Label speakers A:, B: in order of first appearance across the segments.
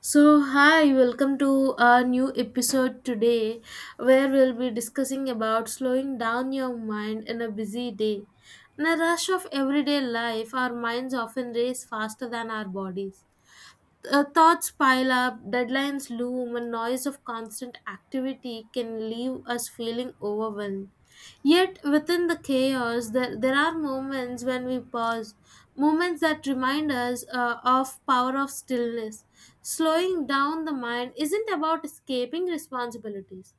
A: So, hi, welcome to our new episode today where we'll be discussing about slowing down your mind in a busy day. In a rush of everyday life, our minds often race faster than our bodies, thoughts pile up, deadlines loom, and noise of constant activity can leave us feeling overwhelmed. Yet, within the chaos, there are moments when we pause, moments that remind us of power of stillness. Slowing down the mind isn't about escaping responsibilities.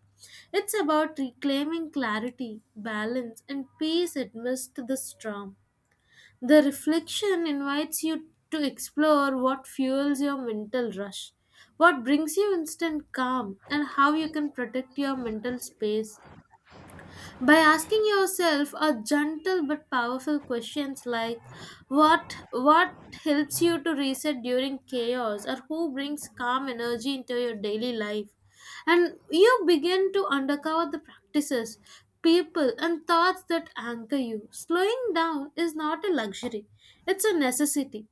A: It's about reclaiming clarity, balance, and peace amidst the storm. The reflection invites you to explore what fuels your mental rush, what brings you instant calm, and how you can protect your mental space by asking yourself a gentle but powerful questions like what helps you to reset during chaos, or who brings calm energy into your daily life, and you begin to uncover the practices, people and thoughts that anchor you. Slowing down is not a luxury, it's a necessity.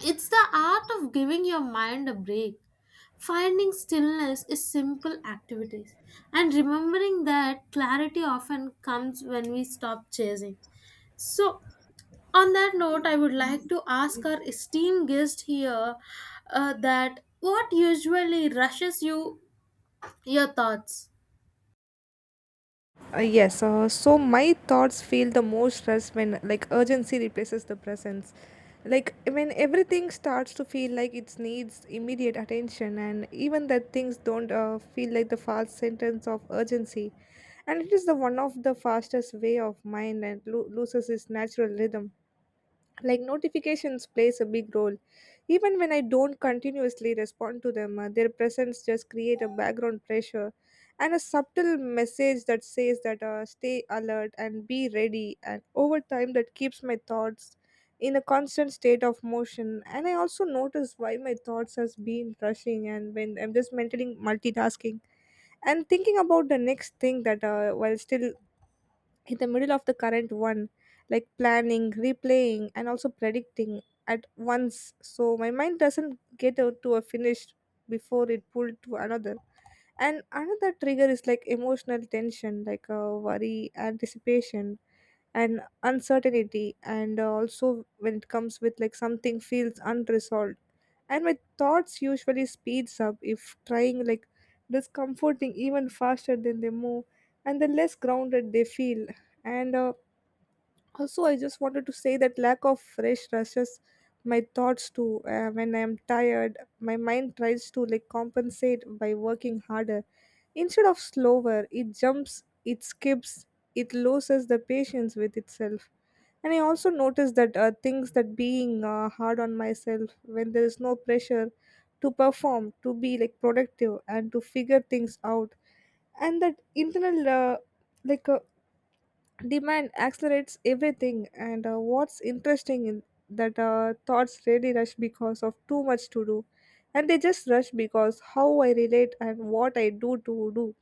A: It's the art of giving your mind a break. Finding stillness is simple activities, and remembering that clarity often comes when we stop chasing. So, on that note, I would like to ask our esteemed guest here that what usually rushes you your thoughts?
B: Yes, so my thoughts feel the most stress when like urgency replaces the presence. Like when everything starts to feel like it needs immediate attention, and even that things don't feel like the fast sentence of urgency, and it is the one of the fastest way of mind and loses its natural rhythm. Like notifications plays a big role even when I don't continuously respond to them, their presence just create a background pressure and a subtle message that says that stay alert and be ready, and over time that keeps my thoughts in a constant state of motion. And I also notice why my thoughts has been rushing and when I'm just mentally multitasking and thinking about the next thing that while still in the middle of the current one, like planning, replaying and also predicting at once, so my mind doesn't get out to a finish before it pulled to another. And another trigger is like emotional tension like worry, anticipation and uncertainty, and also when it comes with like something feels unresolved, and my thoughts usually speeds up if trying like discomforting even faster than they move and the less grounded they feel. And uh, also, I just wanted to say that lack of fresh rushes my thoughts to when I am tired. My mind tries to like compensate by working harder. Instead of slower, it jumps, it skips, it loses the patience with itself. And I also noticed that things that being hard on myself when there is no pressure to perform, to be like productive, and to figure things out, and that internal like a demand accelerates everything. And what's interesting in that thoughts really rush because of too much to do, and they just rush because how I relate and what I do to do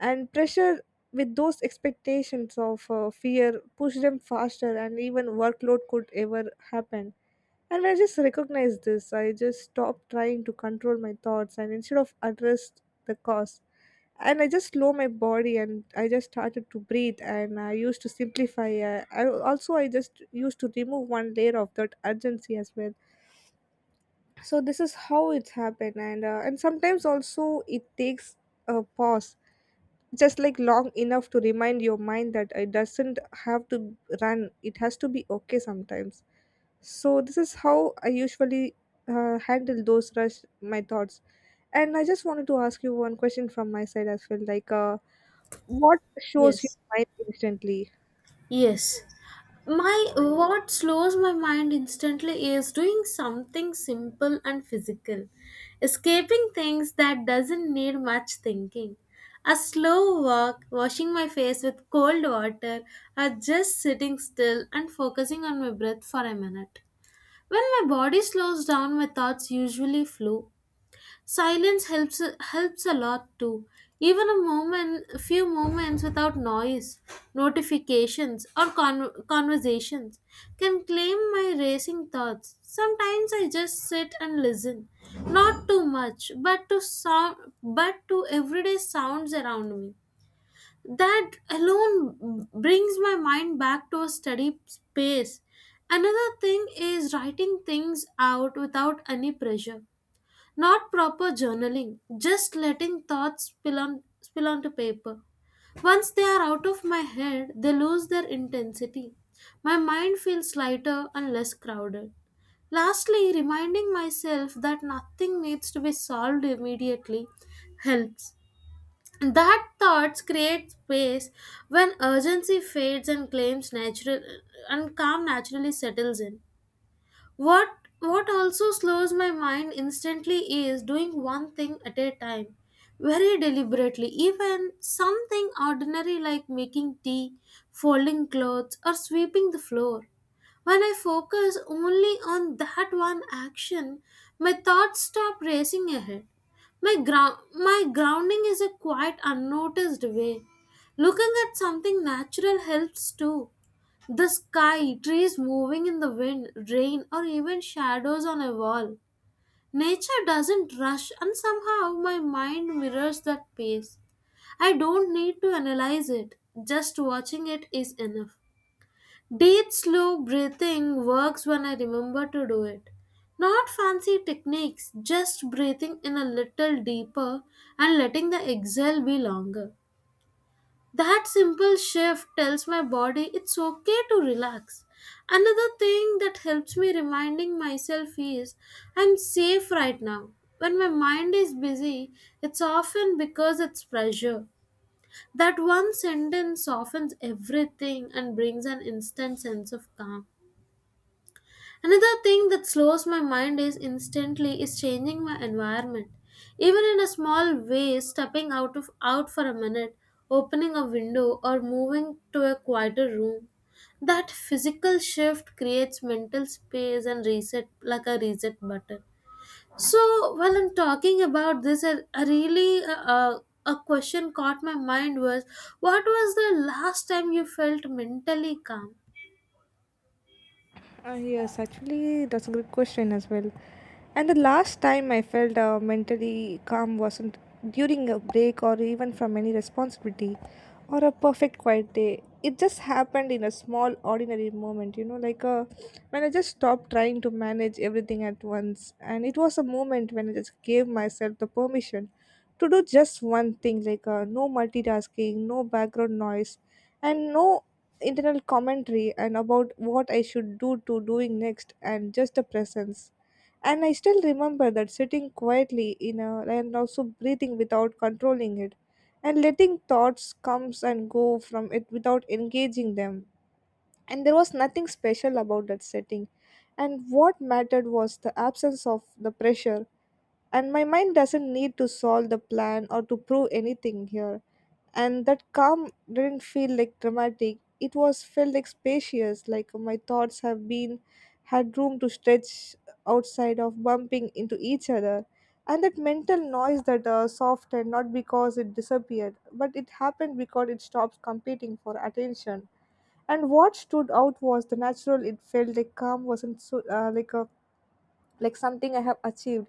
B: and pressure with those expectations of fear push them faster and even workload could ever happen. And when I just recognize this, I just stop trying to control my thoughts and instead of address the cause, and I just slow my body and I just started to breathe and I used to simplify. I also I just used to remove one layer of that urgency as well. So this is how it's happened. And sometimes also it takes a pause just like long enough to remind your mind that it doesn't have to run, it has to be okay sometimes. So this is how I usually handle those rush my thoughts. And I just wanted to ask you one question from my side as well, like what shows your
A: Yes.
B: mind instantly?
A: Yes. My what slows my mind instantly is doing something simple and physical, escaping things that doesn't need much thinking. A slow walk, washing my face with cold water, or just sitting still and focusing on my breath for a minute. When my body slows down, my thoughts usually flow. Silence helps a lot too. Even a moment, a few moments without noise, notifications, or conversations can claim my racing thoughts. Sometimes I just sit and listen, not too much, but to sound, but to everyday sounds around me. That alone brings my mind back to a steady space. Another thing is writing things out without any pressure. Not proper journaling, just letting thoughts spill onto paper. Once they are out of my head, they lose their intensity. My mind feels lighter and less crowded. Lastly, reminding myself that nothing needs to be solved immediately helps. That thoughts create space when urgency fades and claims natural and calm naturally settles in. What what also slows my mind instantly is doing one thing at a time, very deliberately, even something ordinary like making tea, folding clothes, or sweeping the floor. When I focus only on that one action, my thoughts stop racing ahead. My grounding is a quite unnoticed way. Looking at something natural helps too. The sky, trees moving in the wind, rain, or even shadows on a wall. Nature doesn't rush, and somehow my mind mirrors that pace. I don't need to analyze it, just watching it is enough. Deep, slow breathing works when I remember to do it. Not fancy techniques, just breathing in a little deeper and letting the exhale be longer. That simple shift tells my body it's okay to relax. Another thing that helps me reminding myself is I'm safe right now. When my mind is busy, it's often because it's pressure. That one sentence softens everything and brings an instant sense of calm. Another thing that slows my mind is instantly is changing my environment. Even in a small way, stepping out of out for a minute, opening a window or moving to a quieter room. That physical shift creates mental space and reset like a reset button. So while I'm talking about this, I really a question caught my mind was, what was the last time you felt mentally calm?
B: Yes, actually, that's a good question as well. And the last time I felt mentally calm wasn't during a break or even from any responsibility or a perfect quiet day. It just happened in a small, ordinary moment, you know, like when I just stopped trying to manage everything at once. And it was a moment when I just gave myself the permission to do just one thing, like no multitasking, no background noise, and no internal commentary and about what I should do to doing next and just a presence. And I still remember that sitting quietly in a and also breathing without controlling it and letting thoughts comes and go from it without engaging them. And there was nothing special about that setting. And what mattered was the absence of the pressure and my mind doesn't need to solve the plan or to prove anything here, and that calm didn't feel like dramatic, it was felt like spacious, like my thoughts have been had room to stretch outside of bumping into each other. And that mental noise that softened, not because it disappeared but it happened because it stopped competing for attention. And what stood out was the natural, it felt like calm wasn't so like something I have achieved.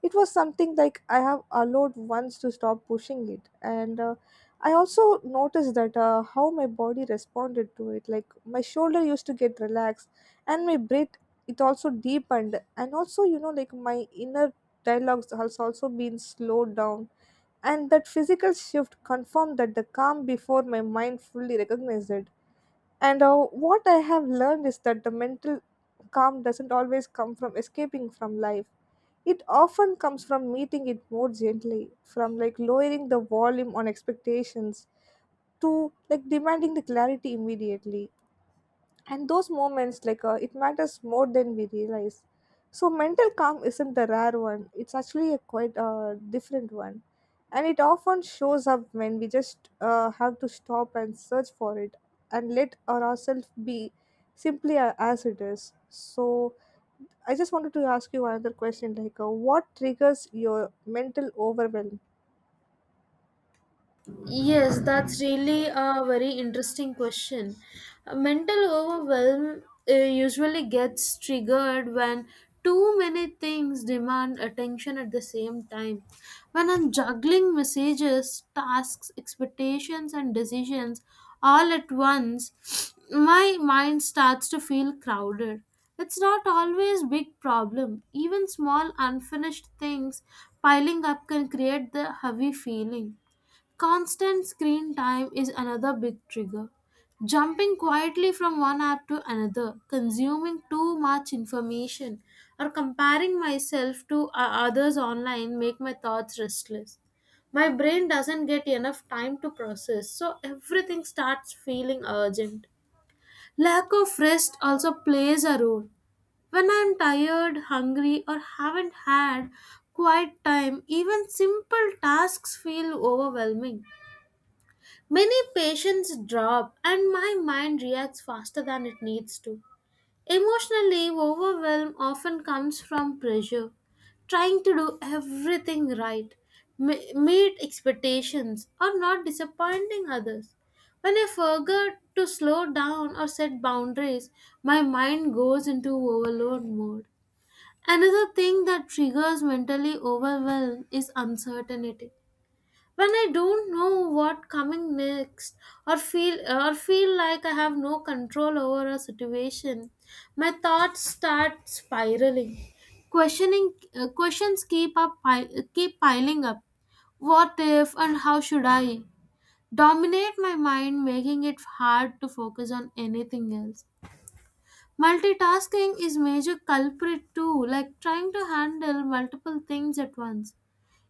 B: It was something like I have allowed once to stop pushing it, and I also noticed that how my body responded to it. Like my shoulder used to get relaxed, and my breath it also deepened, and also you know like my inner dialogues has also been slowed down, and that physical shift confirmed that the calm before my mind fully recognized it. And what I have learned is that the mental calm doesn't always come from escaping from life. It often comes from meeting it more gently, from like lowering the volume on expectations to like demanding the clarity immediately. And those moments like it matters more than we realize. So mental calm isn't the rare one, it's actually a quite different one, and it often shows up when we just have to stop and search for it and let ourselves be simply as it is. So I just wanted to ask you another question like what triggers your mental overwhelm.
A: Yes, that's really a very interesting question. Mental overwhelm usually gets triggered when too many things demand attention at the same time. When I'm juggling messages, tasks, expectations, and decisions all at once, my mind starts to feel crowded. It's not always big problem. Even small unfinished things piling up can create the heavy feeling. Constant screen time is another big trigger. Jumping quietly from one app to another, consuming too much information, or comparing myself to others online make my thoughts restless. My brain doesn't get enough time to process, so everything starts feeling urgent. Lack of rest also plays a role. When I'm tired, hungry, or haven't had quiet time, even simple tasks feel overwhelming. Many patients drop, and my mind reacts faster than it needs to. Emotionally, overwhelm often comes from pressure, trying to do everything right, meet expectations, or not disappointing others. When I forget to slow down or set boundaries, my mind goes into overload mode. Another thing that triggers mentally overwhelm is uncertainty when I don't know what coming next or feel like I have no control over a situation, my thoughts start spiraling. Questioning questions keep up keep piling up. What if and how should I dominate my mind, making it hard to focus on anything else. Multitasking is major culprit too, like trying to handle multiple things at once,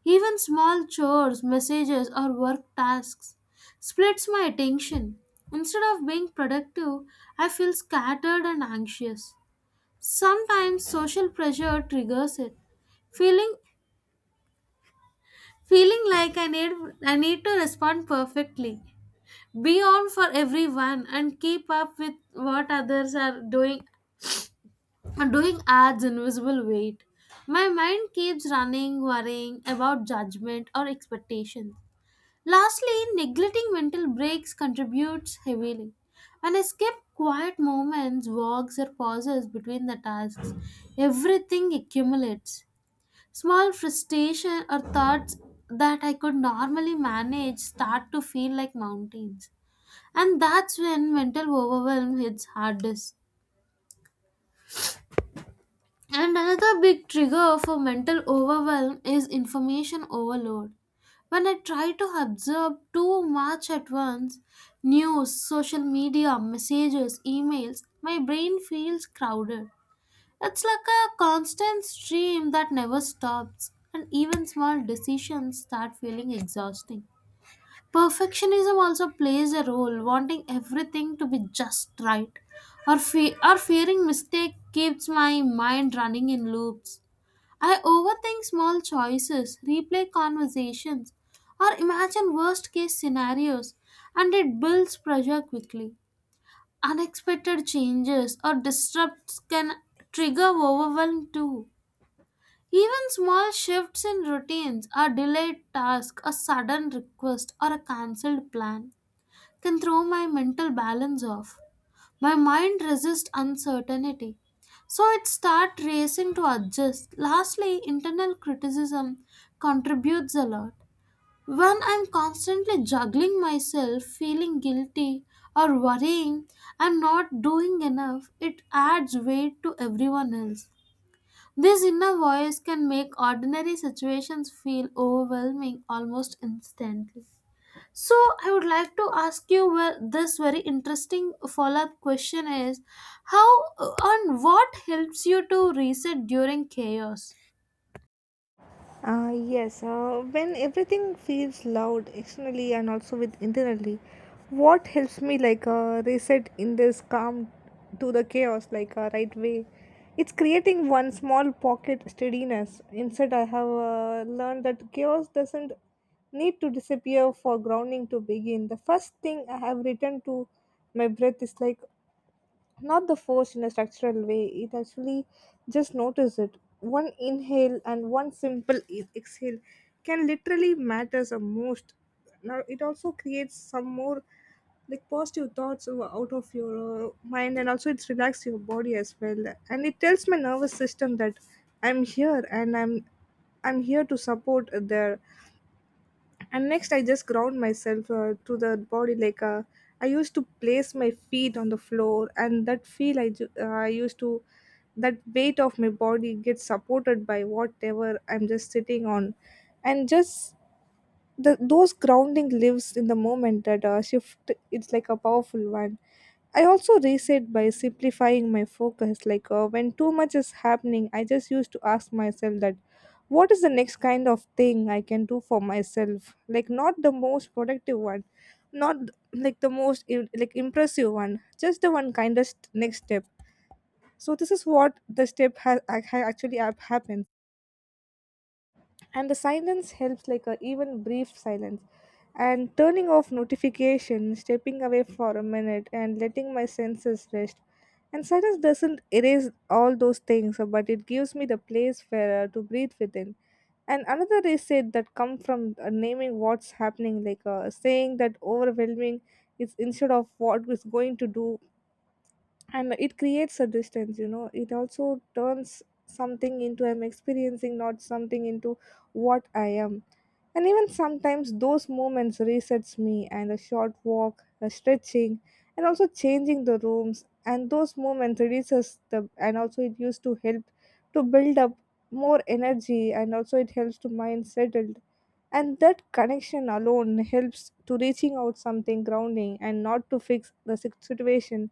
A: even small chores, messages, or work tasks splits my attention. Instead of being productive, I feel scattered and anxious. Sometimes social pressure triggers it. Feeling feeling like I need to respond perfectly, be on for everyone and keep up with what others are doing adds invisible weight. My mind keeps running, worrying about judgment or expectations. Lastly, neglecting mental breaks contributes heavily. When I skip quiet moments, walks, or pauses between the tasks, everything accumulates. Small frustration or thoughts that I could normally manage start to feel like mountains. And that's when mental overwhelm hits hardest. And another big trigger for mental overwhelm is information overload. When I try to absorb too much at once, news, social media, messages, emails, my brain feels crowded. It's like a constant stream that never stops, and even small decisions start feeling exhausting. Perfectionism also plays a role, wanting everything to be just right. Or fearing mistake keeps my mind running in loops. I overthink small choices, replay conversations, or imagine worst case scenarios, and it builds pressure quickly. Unexpected changes or disrupts can trigger overwhelm too. Even small shifts in routines, a delayed task, a sudden request, or a cancelled plan can throw my mental balance off. My mind resists uncertainty. So it starts racing to adjust. Lastly, internal criticism contributes a lot. When I'm constantly juggling myself, feeling guilty or worrying I'm not doing enough, it adds weight to everyone else. This inner voice can make ordinary situations feel overwhelming almost instantly. So I would like to ask you well, this very interesting follow-up question is how on what helps you to reset during chaos?
B: Yes, when everything feels loud externally and also with internally, what helps me like reset in this calm to the chaos like right way? It's creating one small pocket steadiness. Instead, I have learned that chaos doesn't need to disappear for grounding to begin. The first thing I have written to my breath is like not the force in a structural way, it actually just notice it, one inhale and one simple exhale can literally matters the most. Now it also creates some more like positive thoughts out of your mind, and also it's relaxed your body as well. And it tells my nervous system that I'm here and i'm here to support their. And next I just ground myself to the body, like I used to place my feet on the floor and that feel I used to that weight of my body gets supported by whatever I'm just sitting on and just the those grounding lives in the moment that shift, it's like a powerful one. I also reset by simplifying my focus like when too much is happening I just used to ask myself that what is the next kind of thing I can do for myself, like not the most productive one, not like the most like impressive one, just the one kindest next step. So this is what the step has actually happened. And the silence helps like a even brief silence and turning off notification, stepping away for a minute and letting my senses rest. And silence doesn't erase all those things, but it gives me the place where to breathe within. And another reset that come from naming what's happening like saying that overwhelming is instead of what is going to do, and it creates a distance, you know, it also turns something into I'm experiencing not something into what I am. And even sometimes those moments resets me, and a short walk, a stretching and also changing the rooms, and those moments reduces the and also it used to help to build up more energy and also it helps to mind settle. And that connection alone helps to reaching out something grounding and not to fix the situation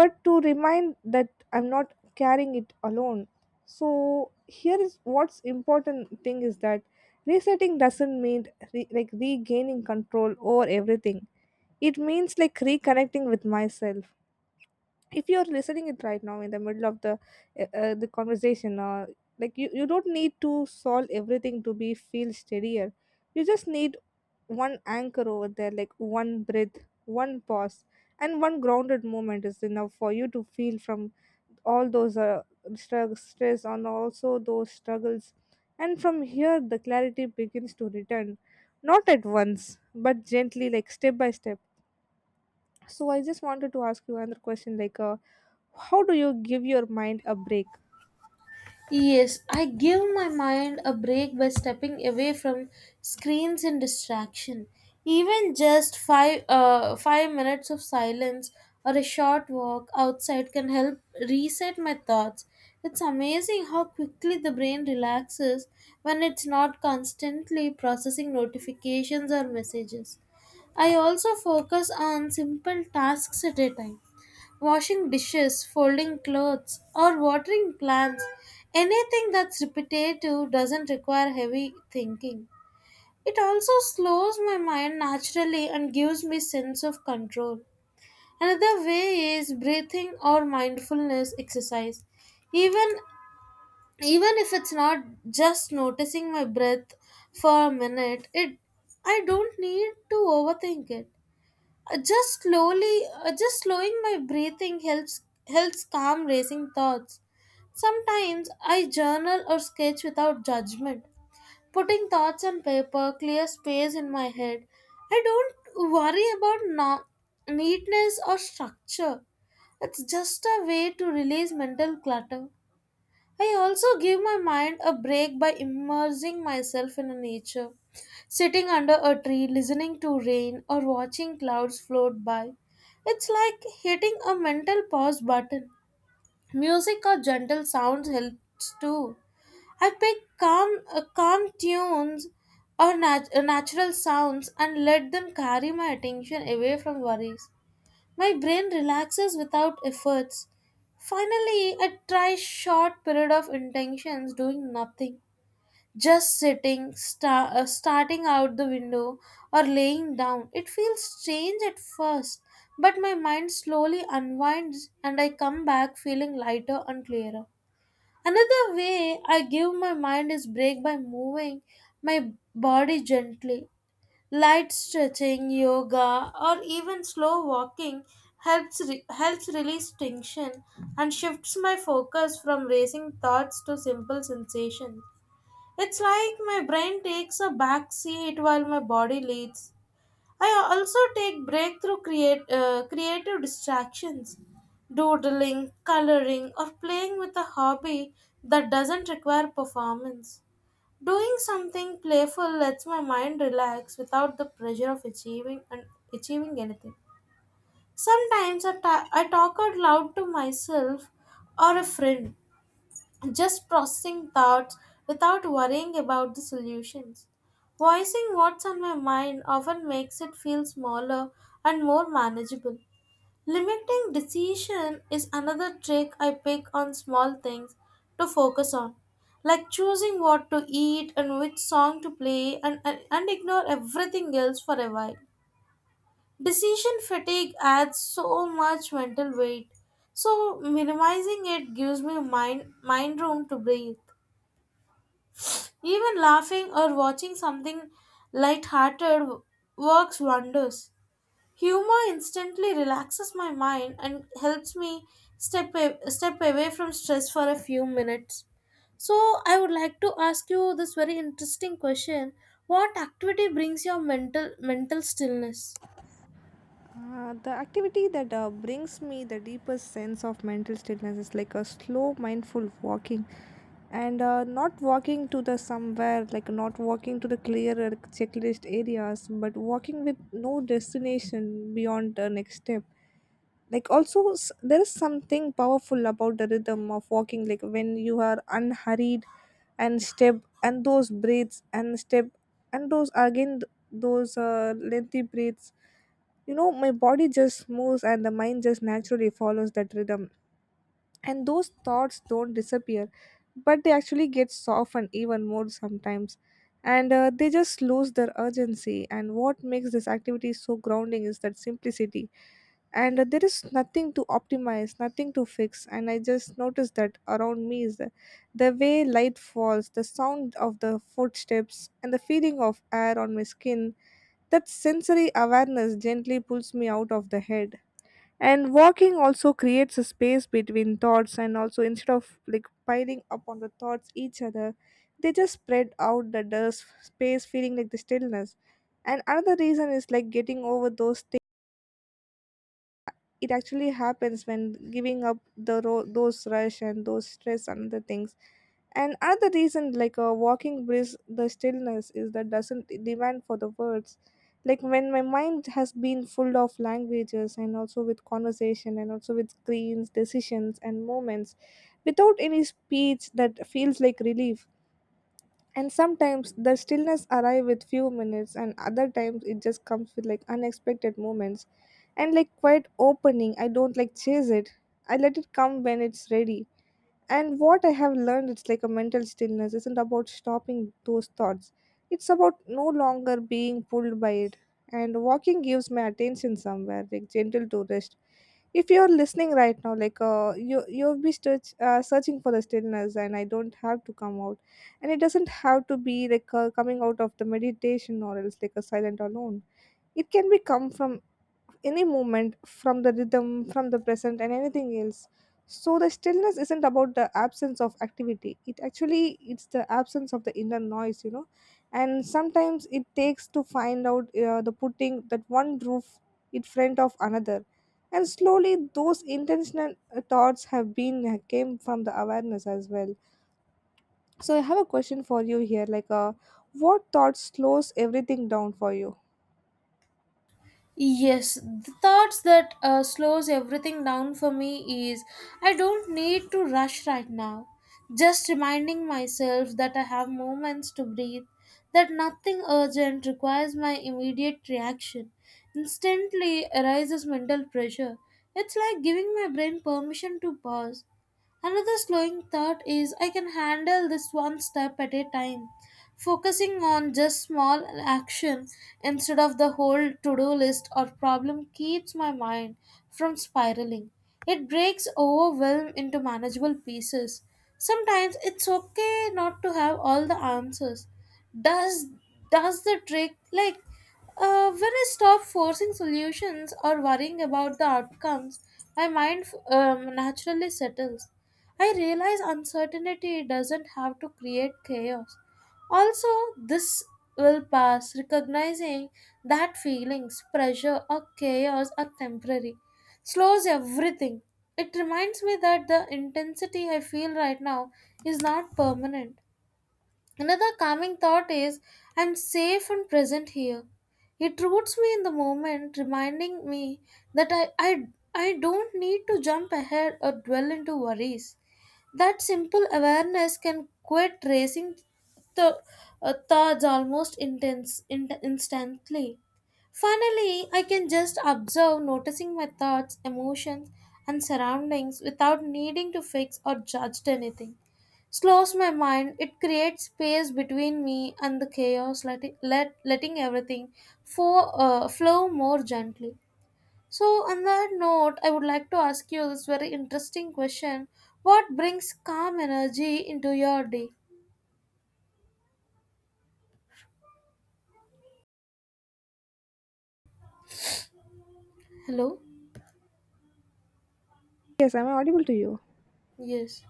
B: but to remind that I'm not carrying it alone. So here is what's important thing is that resetting doesn't mean like regaining control over everything, it means like reconnecting with myself. If you're listening it right now in the middle of the conversation, like you don't need to solve everything to be feel steadier. You just need one anchor over there, like one breath, one pause, and one grounded moment is enough for you to feel from all those stress and also those struggles. And from here, the clarity begins to return, not at once, but gently, like step by step. So I just wanted to ask you another question, like, how do you give your mind a break?
A: Yes, I give my mind a break by stepping away from screens and distraction. Even just five minutes of silence or a short walk outside can help reset my thoughts. It's amazing how quickly the brain relaxes when it's not constantly processing notifications or messages. I also focus on simple tasks at a time. Washing dishes, folding clothes, or watering plants, anything that's repetitive doesn't require heavy thinking. It also slows my mind naturally and gives me sense of control. Another way is breathing or mindfulness exercise. Even even if it's not just noticing my breath for a minute, it, I don't need to overthink it. Just just slowing my breathing helps calm racing thoughts. Sometimes I journal or sketch without judgment. Putting thoughts on paper clears space in my head. I don't worry about neatness or structure. It's just a way to release mental clutter. I also give my mind a break by immersing myself in nature, sitting under a tree, listening to rain, or watching clouds float by. It's like hitting a mental pause button. Music or gentle sounds helps too. I pick calm tunes or natural sounds and let them carry my attention away from worries. My brain relaxes without efforts. Finally, I try short period of intentions doing nothing. Just starting out the window or laying down. It feels strange at first, but my mind slowly unwinds and I come back feeling lighter and clearer. Another way I give my mind is break by moving my body gently. Light stretching, yoga, or even slow walking helps release tension and shifts my focus from racing thoughts to simple sensations. It's like my brain takes a back seat while my body leads. I also take breakthrough create creative distractions, doodling, coloring, or playing with a hobby that doesn't require performance. Doing something playful lets my mind relax without the pressure of achieving anything. Sometimes I talk out loud to myself or a friend, just processing thoughts without worrying about the solutions. Voicing what's on my mind often makes it feel smaller and more manageable. Limiting decision is another trick I pick on small things to focus on, like choosing what to eat and which song to play, and ignore everything else for a while. Decision fatigue adds so much mental weight, so minimizing it gives me mind room to breathe. Even laughing or watching something lighthearted works wonders. Humor instantly relaxes my mind and helps me step away from stress for a few minutes. So, I would like to ask you this very interesting question. What activity brings your mental stillness?
B: The activity that brings me the deepest sense of mental stillness is like a slow, mindful walking, and not walking to the somewhere, like not walking to the clearer checklist areas, but walking with no destination beyond the next step. Like also there is something powerful about the rhythm of walking, like when you are unhurried and step and those breaths and step and those again those lengthy breaths, you know, my body just moves and the mind just naturally follows that rhythm, and those thoughts don't disappear, but they actually get softened even more sometimes, and they just lose their urgency. And what makes this activity so grounding is that simplicity, and there is nothing to optimize, nothing to fix. And I just noticed that around me is the way light falls, the sound of the footsteps, and the feeling of air on my skin. That sensory awareness gently pulls me out of the head, and walking also creates a space between thoughts, and also instead of like piling up on the thoughts each other, they just spread out the dust space feeling like the stillness. And another reason is like getting over those, it actually happens when giving up the those rush and those stress and the things. And another reason like a walking brings the stillness is that doesn't demand for the words. Like when my mind has been full of languages, and also with conversation, and also with screens, decisions, and moments without any speech, that feels like relief. And sometimes the stillness arrive with few minutes, and other times it just comes with like unexpected moments. And like quiet opening, I don't like chase it. I let it come when it's ready. And what I have learned, it's like a mental stillness isn't about stopping those thoughts. It's about no longer being pulled by it. And walking gives my attention somewhere, like gentle to rest. If you're listening right now, like you'll be searching for the stillness, and I don't have to come out, and it doesn't have to be like coming out of the meditation or else like a silent alone. It can be come from any movement, from the rhythm, from the present, and anything else. So the stillness isn't about the absence of activity, it actually it's the absence of the inner noise, you know. And sometimes it takes to find out the putting that one roof in front of another, and slowly those intentional thoughts have been came from the awareness as well. So I have a question for you here, like what thought slows everything down for you?
A: Yes, the thoughts that slows everything down for me is I don't need to rush right now. Just reminding myself that I have moments to breathe, that nothing urgent requires my immediate reaction, instantly arises mental pressure. It's like giving my brain permission to pause. Another slowing thought is I can handle this one step at a time, focusing on just small action instead of the whole to-do list or problem keeps my mind from spiraling. It breaks overwhelm into manageable pieces. Sometimes it's okay not to have all the answers does the trick, like when I stop forcing solutions or worrying about the outcomes, my mind naturally settles. I realize uncertainty doesn't have to create chaos. Also, this will pass, recognizing that feelings, pressure, or chaos are temporary, slows everything. It reminds me that the intensity I feel right now is not permanent. Another calming thought is I'm safe and present here. It roots me in the moment, reminding me that I don't need to jump ahead or dwell into worries. That simple awareness can quit racing the thoughts almost instantly. Finally, I can just observe, noticing my thoughts, emotions, and surroundings without needing to fix or judge anything. Slows my mind, it creates space between me and the chaos, letting everything flow more gently. So, on that note, I would like to ask you this very interesting question. What brings calm energy into your day? Hello?
B: Yes, I am audible to you.
A: Yes.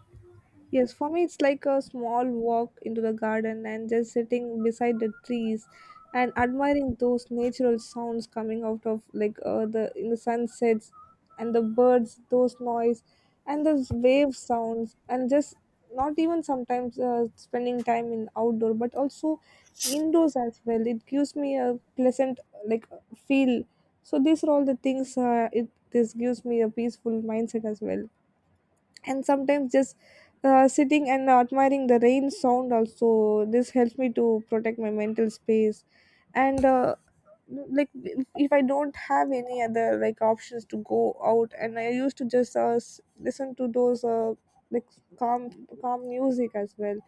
B: Yes, for me, it's like a small walk into the garden and just sitting beside the trees and admiring those natural sounds coming out of like the in the sunsets and the birds, those noise, and those wave sounds, and just not even sometimes spending time in outdoor, but also indoors as well. It gives me a pleasant, like, feel. So these are all the things. It this gives me a peaceful mindset as well. And sometimes just sitting and admiring the rain sound also, this helps me to protect my mental space. And like if I don't have any other like options to go out, and I used to just listen to those like calm calm music as well,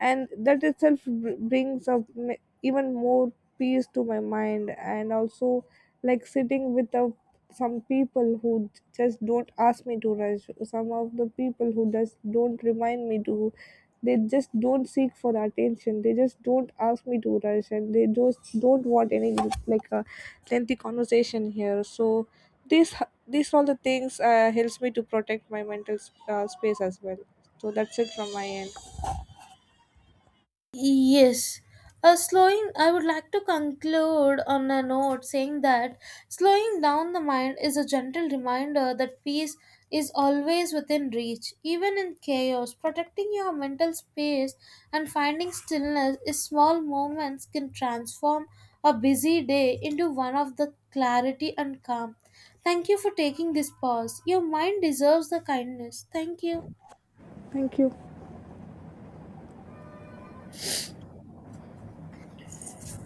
B: and that itself brings up even more peace to my mind. And also like sitting with some people who just don't ask me to rush, some of the people who just don't remind me to, they just don't seek for the attention, they just don't ask me to rush, and they just don't want any like a lengthy conversation here. So these these all the things helps me to protect my mental space as well. So that's it from my end.
A: Yes. Slowing, I would like to conclude on a note saying that slowing down the mind is a gentle reminder that peace is always within reach. Even in chaos, protecting your mental space and finding stillness is small moments can transform a busy day into one of the clarity and calm. Thank you for taking this pause. Your mind deserves the kindness. Thank you.
B: Thank you.